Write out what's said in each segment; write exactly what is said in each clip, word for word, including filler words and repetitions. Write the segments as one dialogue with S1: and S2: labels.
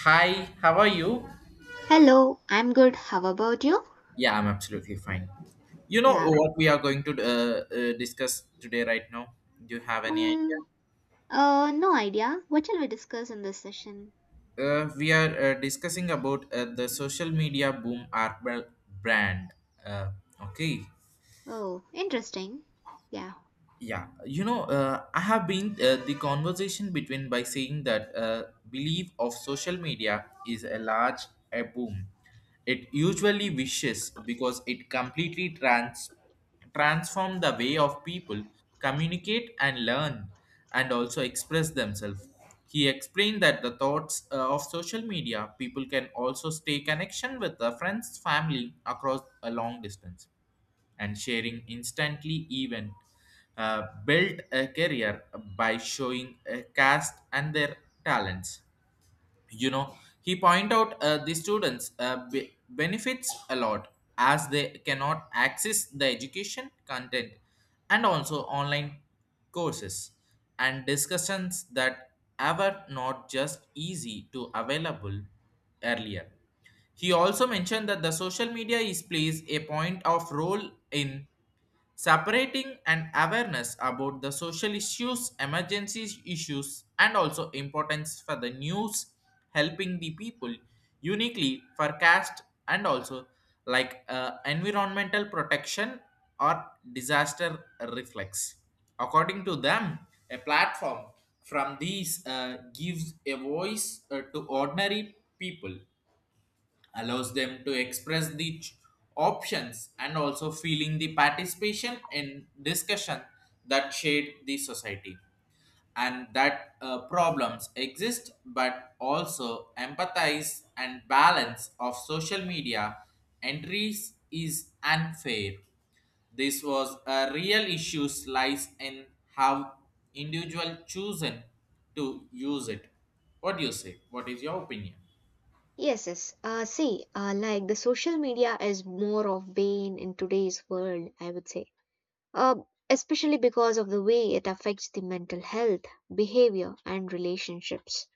S1: Hi, how are you?
S2: Hello, I'm good. How about you?
S1: Yeah, I'm absolutely fine. You know
S2: Yeah.
S1: what we are going to uh, uh, discuss today, right now? Do you have any idea?
S2: Um, uh, no idea. What shall we discuss in this session?
S1: Uh, we are uh, discussing about uh, the social media boom art brand. Uh, okay.
S2: Oh, interesting. Yeah.
S1: Yeah, you know, uh, I have been uh, the conversation between by saying that uh, belief of social media is a large a boom. It usually wishes because it completely trans transform the way of people communicate and learn and also express themselves. He explained that the thoughts uh, of social media people can also stay connection with the friends, family across a long distance and sharing instantly even uh, built a career by showing a cast and their talents. you know he point out uh, the students uh, be- benefits a lot as they cannot access the education content and also online courses and discussions that ever not just easy to available earlier. He also mentioned that the social media is plays a point of role in separating an awareness about the social issues, emergency issues, and also importance for the news, helping the people uniquely for caste and also like uh, environmental protection or disaster reflex. According to them, a platform from these uh, gives a voice uh, to ordinary people, allows them to express the ch- options and also feeling the participation in discussion that shade the society, and that uh, problems exist but also empathize and balance of social media entries is unfair. This was a real issue lies in how individual chosen to use it. What do you say? What is your opinion?
S2: Yes, yes. Uh, see, uh, like the social media is more of bane in today's world, I would say. Uh, Especially because of the way it affects the mental health, behavior, and relationships.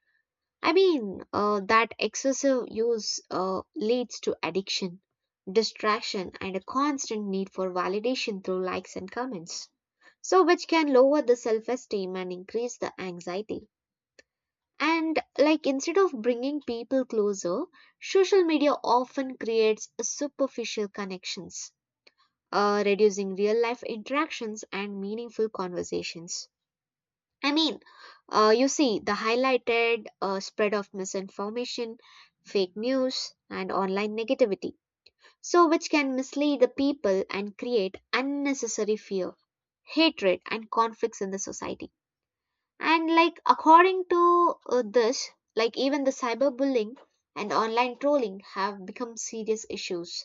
S2: I mean, uh, that excessive use uh, leads to addiction, distraction, and a constant need for validation through likes and comments. So, which can lower the self esteem and increase the anxiety. And, like, instead of bringing people closer, social media often creates superficial connections, uh, reducing real life interactions and meaningful conversations. I mean, uh, you see, the highlighted uh, spread of misinformation, fake news, and online negativity, so which can mislead the people and create unnecessary fear, hatred, and conflicts in the society. And like according to uh, this, like even the cyberbullying and online trolling have become serious issues,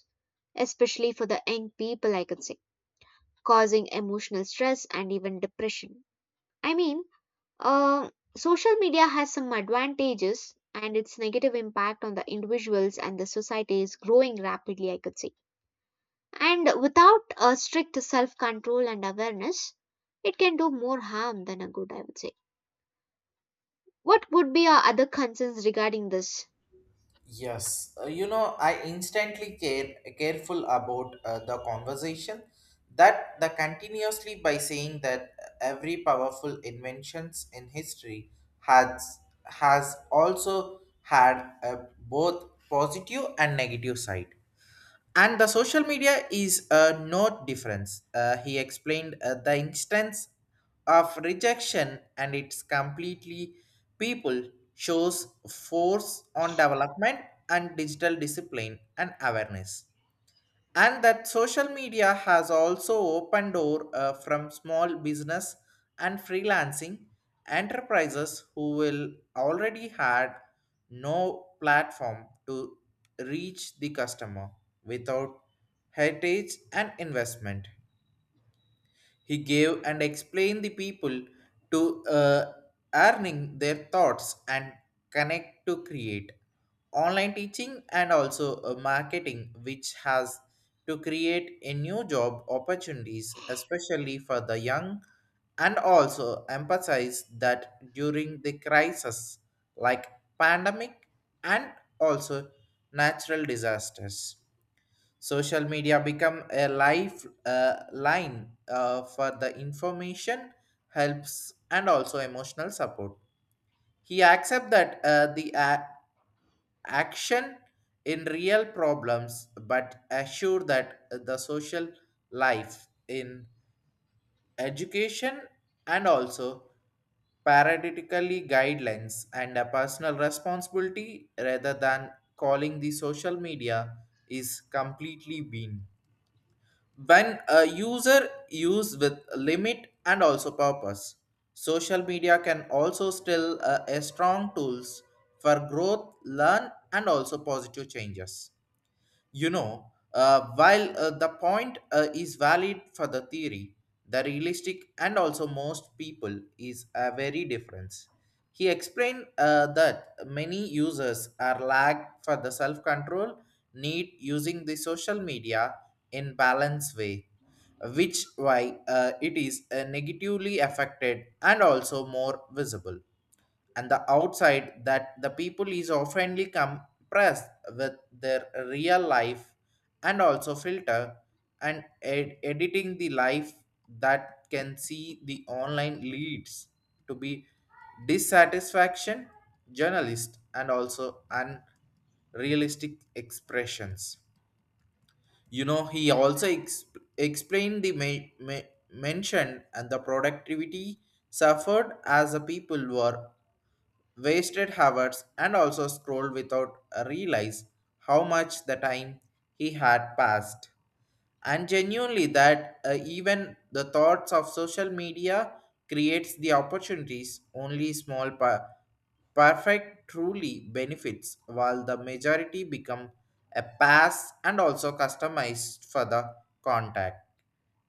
S2: especially for the young people, I could say, causing emotional stress and even depression. I mean. Uh, Social media has some advantages and its negative impact on the individuals and the society is growing rapidly, I could say. And without a strict self control and awareness, it can do more harm than a good, I would say. What would be our other concerns regarding this?
S1: Yes, uh, you know, I instantly care careful about uh, the conversation that the continuously by saying that every powerful inventions in history has has also had a both positive and negative side, and the social media is uh, no difference. Uh, he explained uh, the instance of rejection and its completely people shows force on development and digital discipline and awareness, and that social media has also opened door uh, from small business and freelancing enterprises who will already had no platform to reach the customer without heritage and investment. He gave and explained the people to uh, earning their thoughts and connect to create online teaching and also uh, marketing, which has to create a new job opportunities especially for the young, and also emphasize that during the crisis like pandemic and also natural disasters social media become a life uh, line uh, for the information, helps, and also emotional support. He accept that uh, the a- action in real problems, but assure that the social life in education and also paradigmatically guidelines and a personal responsibility rather than calling the social media is completely been. When a user use with limit and also purpose, social media can also still uh, a strong tools for growth learn and also positive changes. You know, uh, while uh, the point uh, is valid for the theory, the realistic and also most people is a very difference. He explained uh, that many users are lagged for the self control need using the social media in balanced way, which why uh, it is uh, negatively affected and also more visible, and the outside that the people is oftenly compressed with their real life and also filter and ed- editing the life that can see the online leads to be dissatisfaction journalist and also unrealistic expressions. You know he also ex- explained the ma- ma- mention and the productivity suffered as the people were wasted hours and also scrolled without a realize how much the time he had passed, and genuinely that uh, even the thoughts of social media creates the opportunities only small pa- perfect truly benefits while the majority become a pass and also customized for the contact.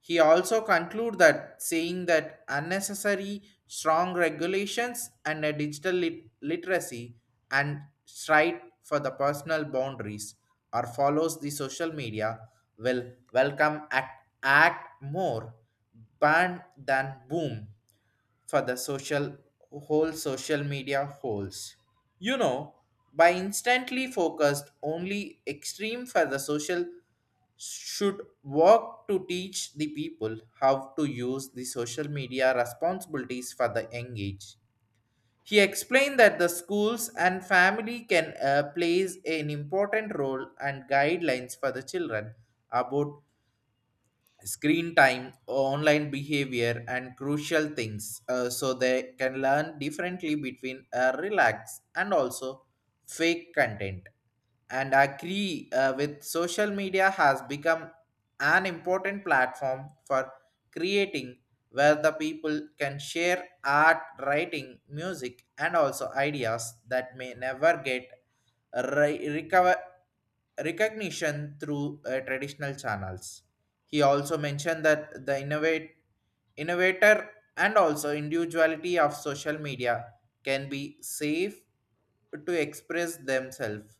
S1: He also concluded that saying that unnecessary strong regulations and a digital lit- literacy and strive for the personal boundaries or follows the social media will welcome act, act more ban than boom for the social whole social media holds. You know, by instantly focused only extreme for the social should work to teach the people how to use the social media responsibilities for the young age. He explained that the schools and family can uh, plays an important role and guidelines for the children about screen time, online behavior, and crucial things uh, so they can learn differently between uh, relax and also fake content. And I agree uh, with social media has become an important platform for creating where the people can share art, writing, music, and also ideas that may never get re- recover recognition through uh, traditional channels. He also mentioned that the innovate, innovator and also individuality of social media can be safe to express themselves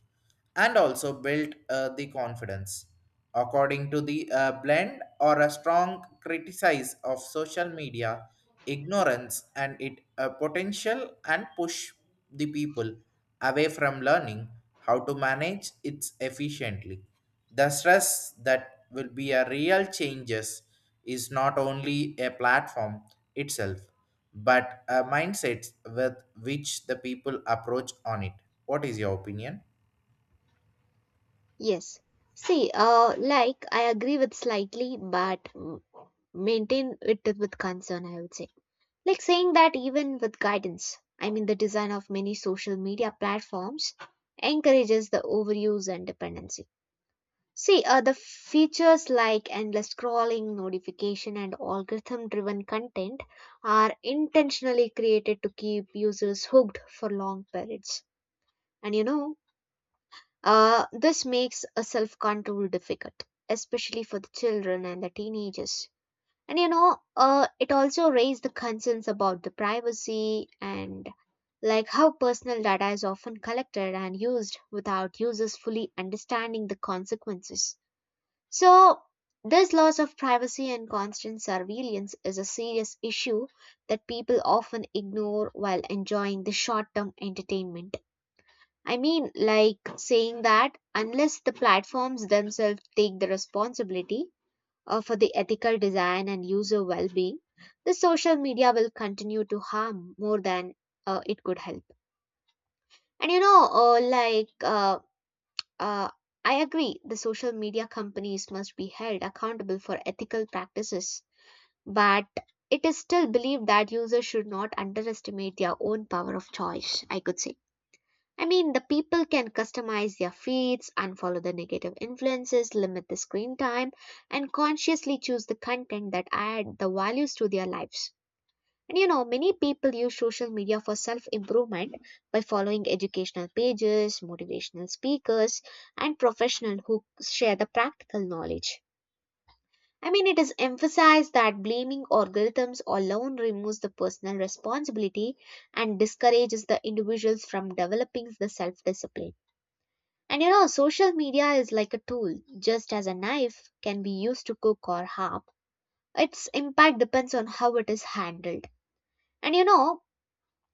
S1: and also build uh, the confidence. According to the uh, blend or a strong criticize of social media, ignorance and it uh, potential and push the people away from learning how to manage it efficiently. The stress that will be a real changes is not only a platform itself, but a mindset with which the people approach on it. What is your opinion?
S2: Yes. See, uh, like I agree with slightly, but mm, maintain it with concern, I would say. Like saying that even with guidance, I mean, the design of many social media platforms encourages the overuse and dependency. See, uh, the features like endless scrolling, notification, and algorithm driven content are intentionally created to keep users hooked for long periods. And you know, uh, this makes a self control difficult, especially for the children and the teenagers, and you know, uh, it also raised the concerns about the privacy and like how personal data is often collected and used without users fully understanding the consequences. So, this loss of privacy and constant surveillance is a serious issue that people often ignore while enjoying the short term entertainment. I mean, like saying that unless the platforms themselves take the responsibility, uh, for the ethical design and user well being, the social media will continue to harm more than uh, it could help. And you know, uh, like, uh, uh, I agree, the social media companies must be held accountable for ethical practices, but it is still believed that users should not underestimate their own power of choice, I could say. I mean, the people can customize their feeds, unfollow the negative influences, limit the screen time, and consciously choose the content that add the values to their lives. And you know, many people use social media for self improvement by following educational pages, motivational speakers, and professionals who share the practical knowledge. I mean, it is emphasized that blaming algorithms alone removes the personal responsibility and discourages the individuals from developing the self discipline. And you know, social media is like a tool, just as a knife can be used to cook or harm. Its impact depends on how it is handled. And you know,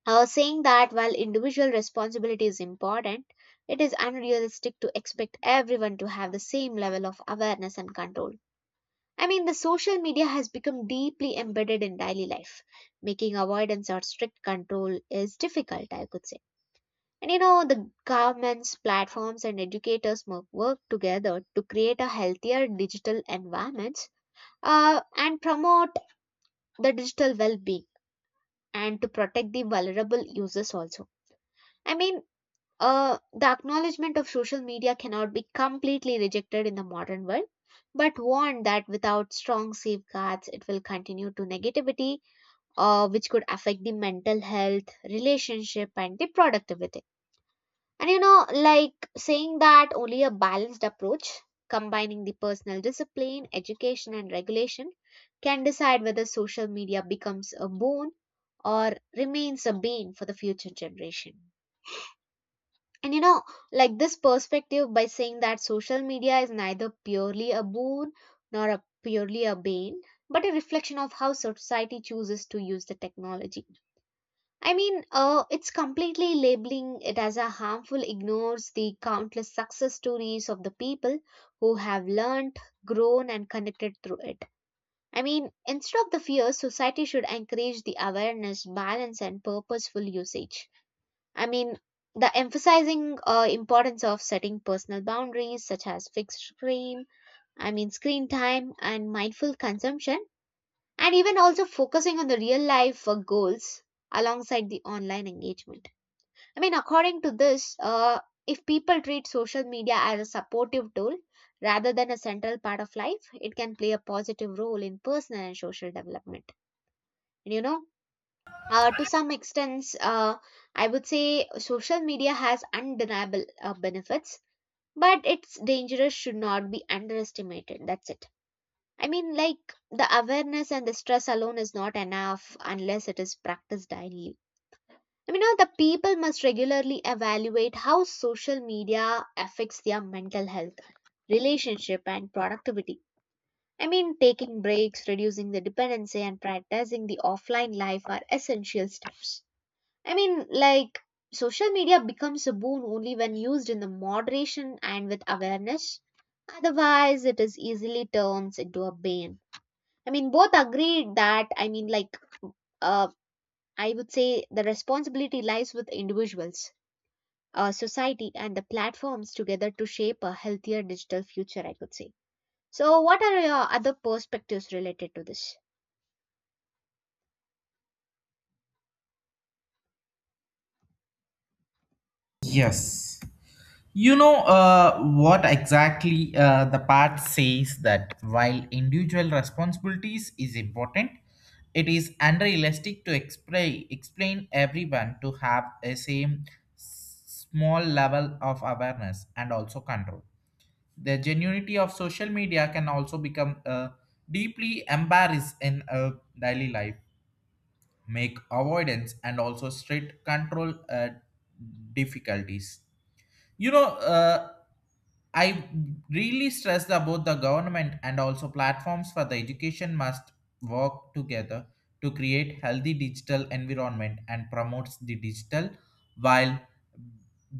S2: uh, saying that while individual responsibility is important, it is unrealistic to expect everyone to have the same level of awareness and control. I mean, the social media has become deeply embedded in daily life, making avoidance or strict control is difficult, I could say. And you know, the governments, platforms, and educators must work together to create a healthier digital environment uh, and promote the digital well-being and to protect the vulnerable users also. I mean, uh, the acknowledgement of social media cannot be completely rejected in the modern world, but warn that without strong safeguards, it will continue to negativity, uh, which could affect the mental health, relationship, and the productivity. And you know, like saying that only a balanced approach, combining the personal discipline, education, and regulation, can decide whether social media becomes a boon or remains a bane for the future generation. And you know, like this perspective by saying that social media is neither purely a boon nor a purely a bane, but a reflection of how society chooses to use the technology. I mean, uh, it's completely labeling it as a harmful ignores the countless success stories of the people who have learned, grown, and connected through it. I mean, instead of the fear, society should encourage the awareness, balance, and purposeful usage. I mean, the emphasizing uh, importance of setting personal boundaries such as fixed screen, I mean, screen time, and mindful consumption, and even also focusing on the real life uh, goals alongside the online engagement. I mean, according to this, uh, if people treat social media as a supportive tool rather than a central part of life, it can play a positive role in personal and social development. And you know, uh, to some extent, uh, I would say social media has undeniable uh, benefits, but its dangers should not be underestimated. That's it. I mean, like the awareness and the stress alone is not enough unless it is practiced daily. You know, the people must regularly evaluate how social media affects their mental health, relationship, and productivity. I mean, taking breaks, reducing the dependency, and prioritizing the offline life are essential steps. I mean, like, social media becomes a boon only when used in the moderation and with awareness. Otherwise, it is easily turns into a bane. I mean, both agreed that, I mean, like, uh, I would say the responsibility lies with individuals, uh, society and the platforms together to shape a healthier digital future, I could say. So, what are your other perspectives related to this?
S1: Yes. You know uh, what exactly uh, the part says that while individual responsibilities is important, it is unrealistic to explain explain everyone to have a same s- small level of awareness and also control. The genuinity of social media can also become uh, deeply embarrassed in uh, daily life, make avoidance and also strict control uh, difficulties. you know uh, I really stress that both the government and also platforms for the education must work together to create healthy digital environment and promotes the digital while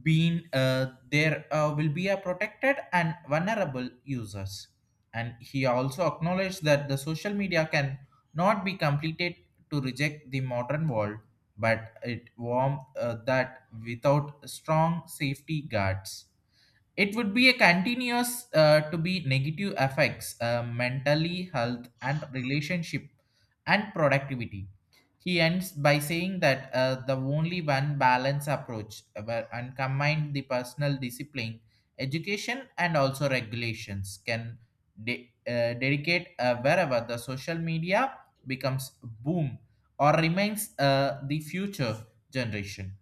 S1: being uh, there uh, will be a protected and vulnerable users. And he also acknowledged that the social media can not be completed to reject the modern world, but it warmed uh, that without strong safety guards it would be a continuous uh, to be negative effects, uh, mentally health and relationship and productivity. He ends by saying that uh, the only one balance approach uh, where- and combined the personal discipline, education, and also regulations can de- uh, dedicate uh, wherever the social media becomes boom or remains uh, the future generation.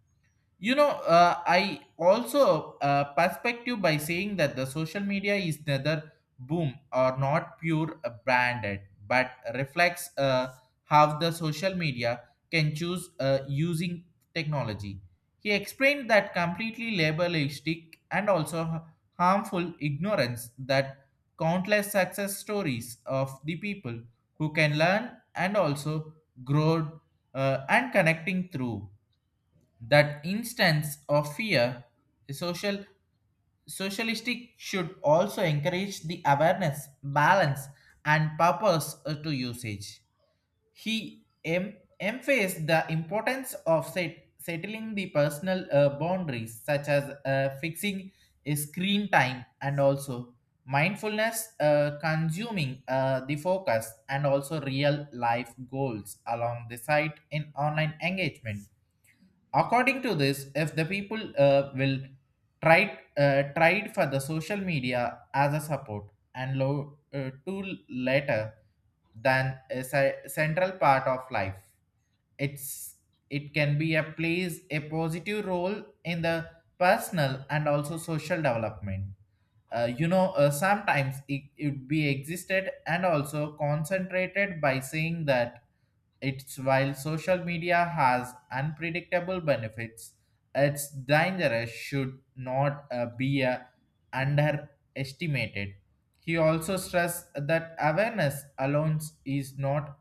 S1: you know uh, I also uh, perspective by saying that the social media is neither boom or not pure uh, branded, but reflects uh, how the social media can choose uh, using technology. He explained that completely labelistic and also h- harmful ignorance that countless success stories of the people who can learn and also grow uh, and connecting through that instance of fear, the social socialistic should also encourage the awareness, balance, and purpose uh, to usage. He em- emphasized the importance of set- settling the personal uh, boundaries, such as uh, fixing a screen time and also mindfulness, uh, consuming uh, the focus, and also real life goals along the site in online engagement. According to this, if the people uh, will try uh, tried for the social media as a support and low uh, to later than a ce- central part of life, it's it can be a plays a positive role in the personal and also social development. Uh, you know uh, sometimes it would be existed and also concentrated by saying that it's while social media has unpredictable benefits, its dangerous should not uh, be uh, underestimated. He also stressed that awareness alone is not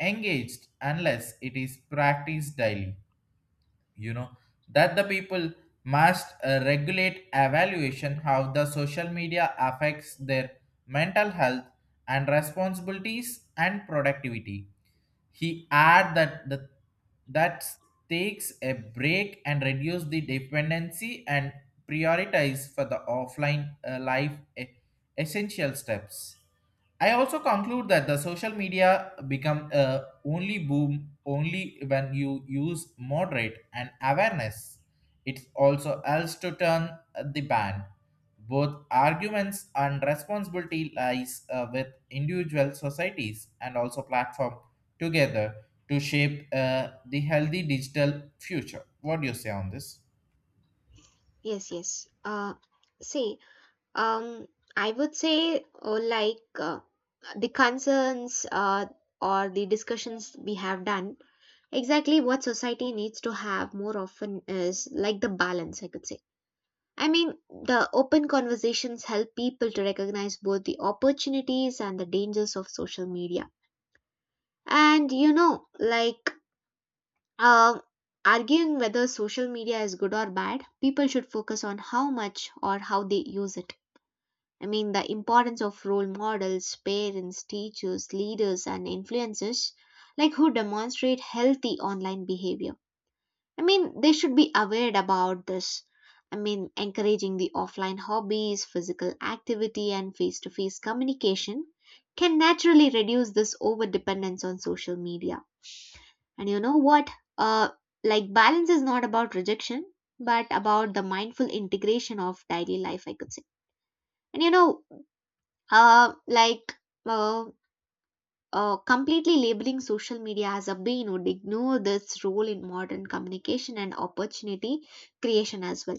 S1: engaged unless it is practiced daily. You know that the people must uh, regulate evaluation how the social media affects their mental health and responsibilities and productivity. He add that the that takes a break and reduce the dependency and prioritize for the offline uh, life e- essential steps. I also conclude that the social media become a only boom only when you use moderate and awareness. It's also else to turn the ban. Both arguments and responsibility lies uh, with individual societies and also platform together to shape uh, the healthy digital future. What do you say on this?
S2: Yes, yes. Uh, see, um, I would say, oh, like uh, the concerns uh, or the discussions we have done, exactly what society needs to have more often is like the balance, I could say. I mean, the open conversations help people to recognize both the opportunities and the dangers of social media. And you know, like um, arguing whether social media is good or bad, people should focus on how much or how they use it. I mean, the importance of role models, parents, teachers, leaders, and influencers, like who demonstrate healthy online behavior. I mean, they should be aware about this. I mean, encouraging the offline hobbies, physical activity, and face to face communication can naturally reduce this over dependence on social media. And you know what? Uh, like, Balance is not about rejection, but about the mindful integration of daily life, I could say. And you know, uh, like, uh, uh, completely labeling social media as a bane would ignore its role in modern communication and opportunity creation as well.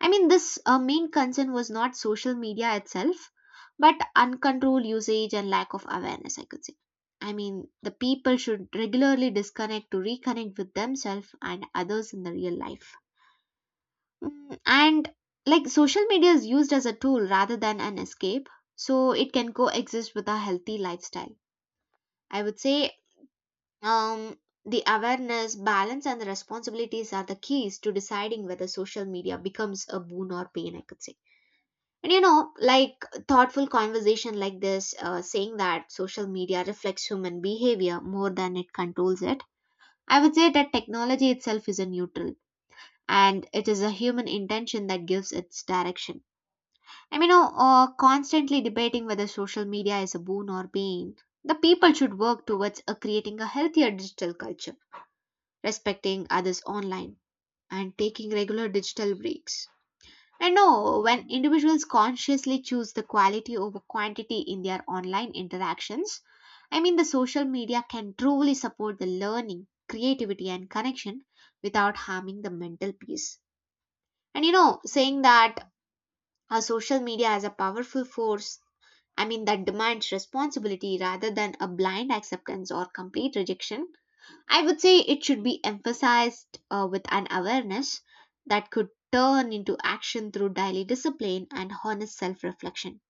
S2: I mean, this uh, main concern was not social media itself, but uncontrolled usage and lack of awareness, I could say. I mean, the people should regularly disconnect to reconnect with themselves and others in the real life. Mm. And like social media is used as a tool rather than an escape, so it can coexist with a healthy lifestyle. I would say. Um, the awareness, balance, and the responsibilities are the keys to deciding whether social media becomes a boon or pain, I could say. And you know, like thoughtful conversation like this, uh, saying that social media reflects human behavior more than it controls it, I would say that technology itself is a neutral and it is a human intention that gives its direction. I mean, oh, uh, constantly debating whether social media is a boon or pain, the people should work towards uh creating a healthier digital culture, respecting others online, and taking regular digital breaks. And no, when individuals consciously choose the quality over quantity in their online interactions, I mean, the social media can truly support the learning, creativity, and connection without harming the mental peace. And you know, saying that a social media is a powerful force, I mean, that demands responsibility rather than a blind acceptance or complete rejection. I would say it should be emphasized uh, with an awareness that could turn into action through daily discipline and honest self reflection.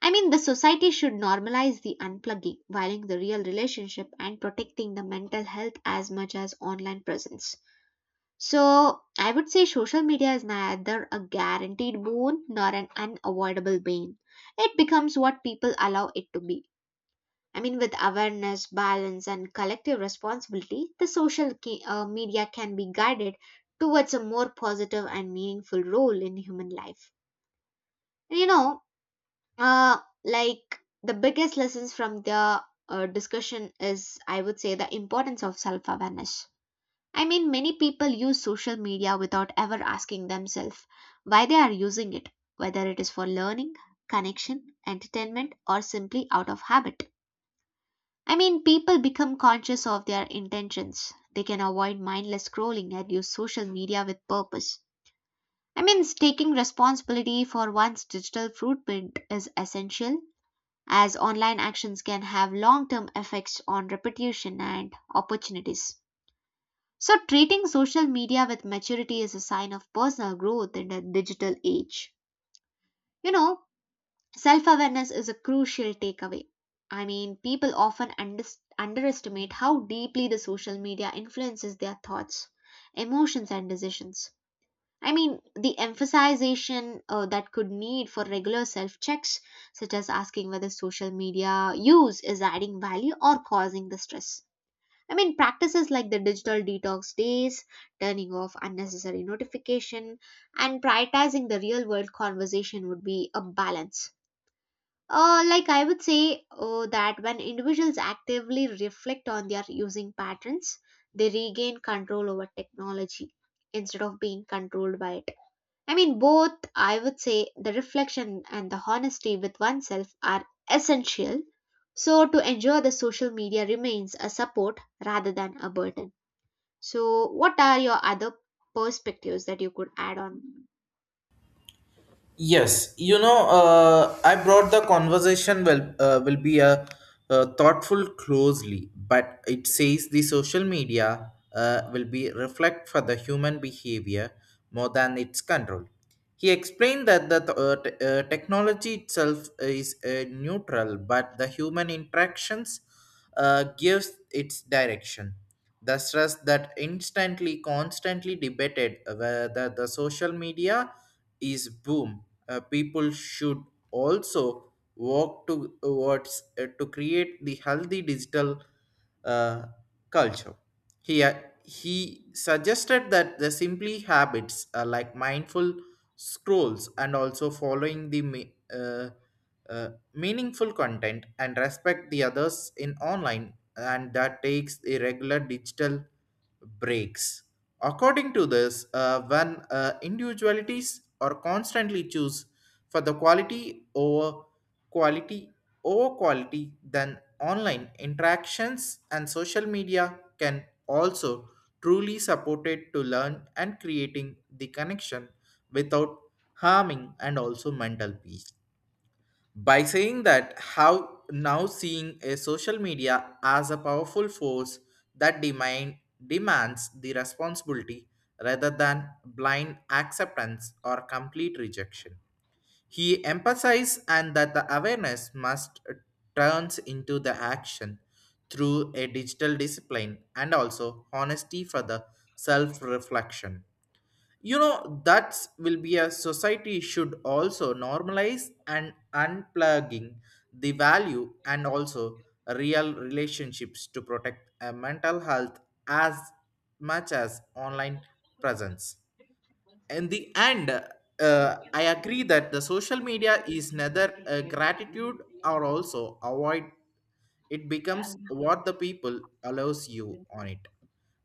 S2: I mean, the society should normalize the unplugging, valuing the real relationship and protecting the mental health as much as online presence. So, I would say social media is neither a guaranteed boon nor an unavoidable bane. It becomes what people allow it to be. I mean, with awareness, balance, and collective responsibility, the social ki- uh, media can be guided towards a more positive and meaningful role in human life. And you know, uh, like the biggest lessons from the uh, discussion is, I would say, the importance of self awareness. I mean, many people use social media without ever asking themselves why they are using it, whether it is for learning, connection, entertainment, or simply out of habit. I mean, people become conscious of their intentions. They can avoid mindless scrolling and use social media with purpose. I mean, taking responsibility for one's digital footprint is essential, as online actions can have long term effects on reputation and opportunities. So, treating social media with maturity is a sign of personal growth in the digital age. You know, self awareness is a crucial takeaway. I mean, people often under underestimate how deeply the social media influences their thoughts, emotions, and decisions. I mean, the emphasization uh, that could need for regular self checks, such as asking whether social media use is adding value or causing the stress. I mean, practices like the digital detox days, turning off unnecessary notification, and prioritizing the real world conversation would be a balance uh, like I would say oh, that when individuals actively reflect on their using patterns, they regain control over technology instead of being controlled by it. I mean, both, I would say, the reflection and the honesty with oneself are essential. So, to ensure the social media remains a support rather than a burden. So, what are your other perspectives that you could add on?
S1: Yes, you know, uh, I brought the conversation will uh, will be a, uh, thoughtful closely, but it says the social media uh, will be reflect for the human behavior more than its control. He explained that the th- uh, t- uh, technology itself is uh, neutral, but the human interactions uh, gives its direction. The stress that instantly, constantly debated whether the social media is boom. Uh, people should also work towards uh, to create the healthy digital uh, culture. He uh, he suggested that the simply habits uh, like mindful scrolls and also following the me- uh, uh, meaningful content and respect the others in online and that takes the regular digital breaks. According to this, uh, when uh, individualities are constantly choose for the quality over quality over quality, then online interactions and social media can also truly support it to learn and creating the connection without harming and also mental peace, by saying that how now seeing a social media as a powerful force that demand demands the responsibility rather than blind acceptance or complete rejection. He emphasized and that the awareness must turns into the action through a digital discipline and also honesty for the self reflection. You know, that will be a society should also normalize and unplugging the value and also real relationships to protect a mental health as much as online presence. In the end, uh, I agree that the social media is neither a gratitude or also avoid, it becomes what the people allows you on it.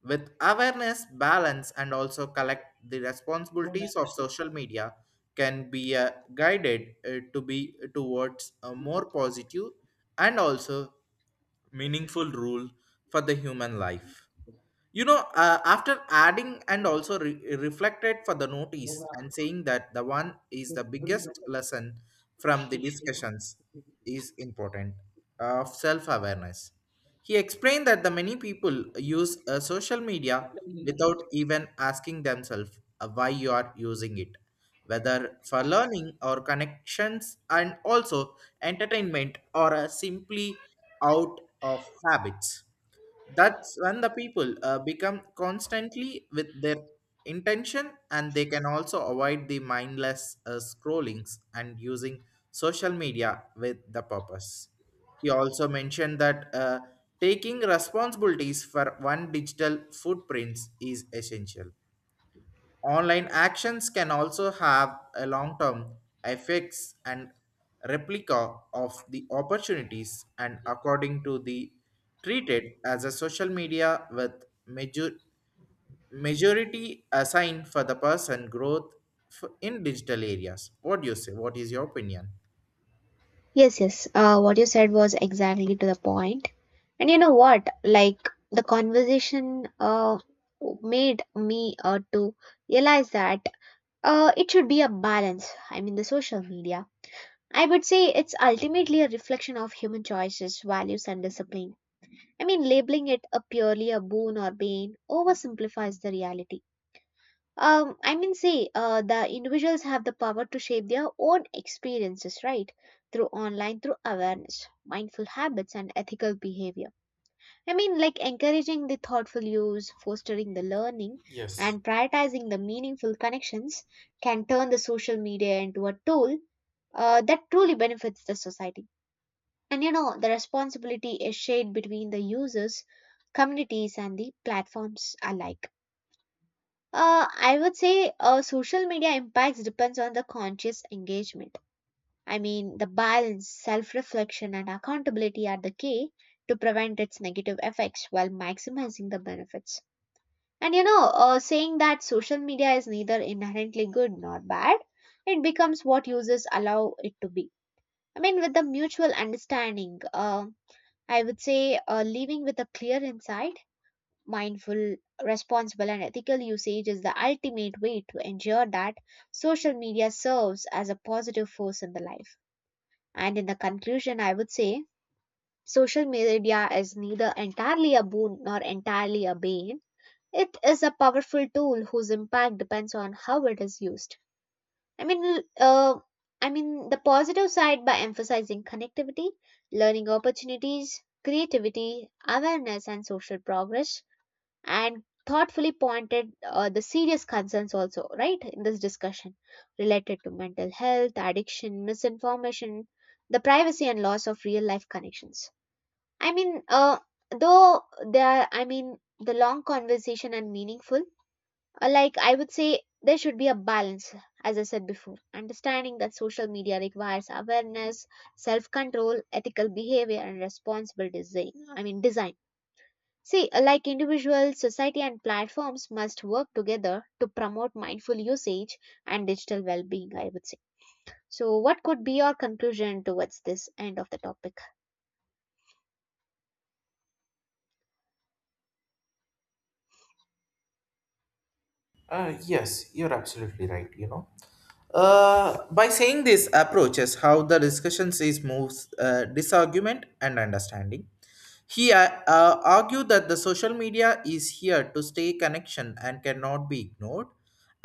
S1: With awareness, balance, and also collect the responsibilities of social media can be uh, guided uh, to be towards a more positive and also meaningful rule for the human life. You know uh, after adding and also re- reflected for the notice and saying that the one is the biggest lesson from the discussions is important of self-awareness. He explained that the many people use uh, social media without even asking themselves uh, why you are using it, whether for learning or connections and also entertainment or uh, simply out of habits. That's when the people uh, become constantly with their intention, and they can also avoid the mindless uh, scrollings and using social media with the purpose. He also mentioned that uh, taking responsibilities for one digital footprints is essential. Online actions can also have a long term effects and replica of the opportunities, and according to the treated as a social media with major, majority assigned for the person growth f- in digital areas. What do you say? What is your opinion?
S2: Yes, yes. Uh, what you said was exactly to the point. And you know what? Like the conversation uh, made me uh, to realize that uh, it should be a balance. I mean, the social media. I would say it's ultimately a reflection of human choices, values, and discipline. I mean, labeling it a purely a boon or bane oversimplifies the reality. Um, I mean, say uh, the individuals have the power to shape their own experiences, right? Through online, through awareness, mindful habits, and ethical behavior. I mean, like encouraging the thoughtful use, fostering the learning,
S1: Yes.
S2: and prioritizing the meaningful connections can turn the social media into a tool uh, that truly benefits the society. And you know, the responsibility is shared between the users, communities, and the platforms alike. Uh, I would say uh, social media impacts depends on the conscious engagement. I mean, the balance, self reflection, and accountability are the key to prevent its negative effects while maximizing the benefits. And you know, uh, saying that social media is neither inherently good nor bad, it becomes what users allow it to be. I mean, with the mutual understanding, uh, I would say uh, living with a clear insight, mindful, responsible, and ethical usage is the ultimate way to ensure that social media serves as a positive force in the life. And in the conclusion, I would say social media is neither entirely a boon nor entirely a bane. It is a powerful tool whose impact depends on how it is used. I mean, uh, I mean the positive side by emphasizing connectivity, learning opportunities, creativity, awareness, and social progress, and thoughtfully pointed uh, the serious concerns also right in this discussion related to mental health, addiction, misinformation, the privacy and loss of real life connections. i mean uh, though there, I mean the long conversation and meaningful, uh, like I would say there should be a balance. As I said before, understanding that social media requires awareness, self control, ethical behavior and responsible design. i mean design See, like individuals, society, and platforms must work together to promote mindful usage and digital well being, I would say. So, what could be your conclusion towards this end of the topic?
S1: Uh, yes, you're absolutely right, you know. Uh, by saying this approaches how the discussions is moves uh, disargument and understanding. He uh, uh, Argued that the social media is here to stay connection and cannot be ignored,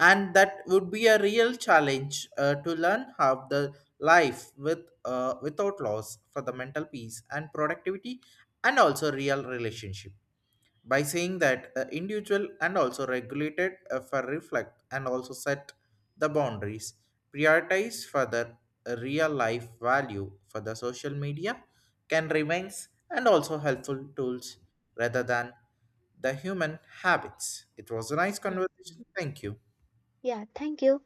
S1: and that would be a real challenge uh, to learn how the life with uh, without loss for the mental peace and productivity and also real relationship, by saying that uh, individual and also regulated uh, for reflect and also set the boundaries prioritize further uh, real life value for the social media can remains and also helpful tools rather than the human habits. It was a nice
S2: Yes.
S1: conversation, thank you.
S2: Yeah, thank you.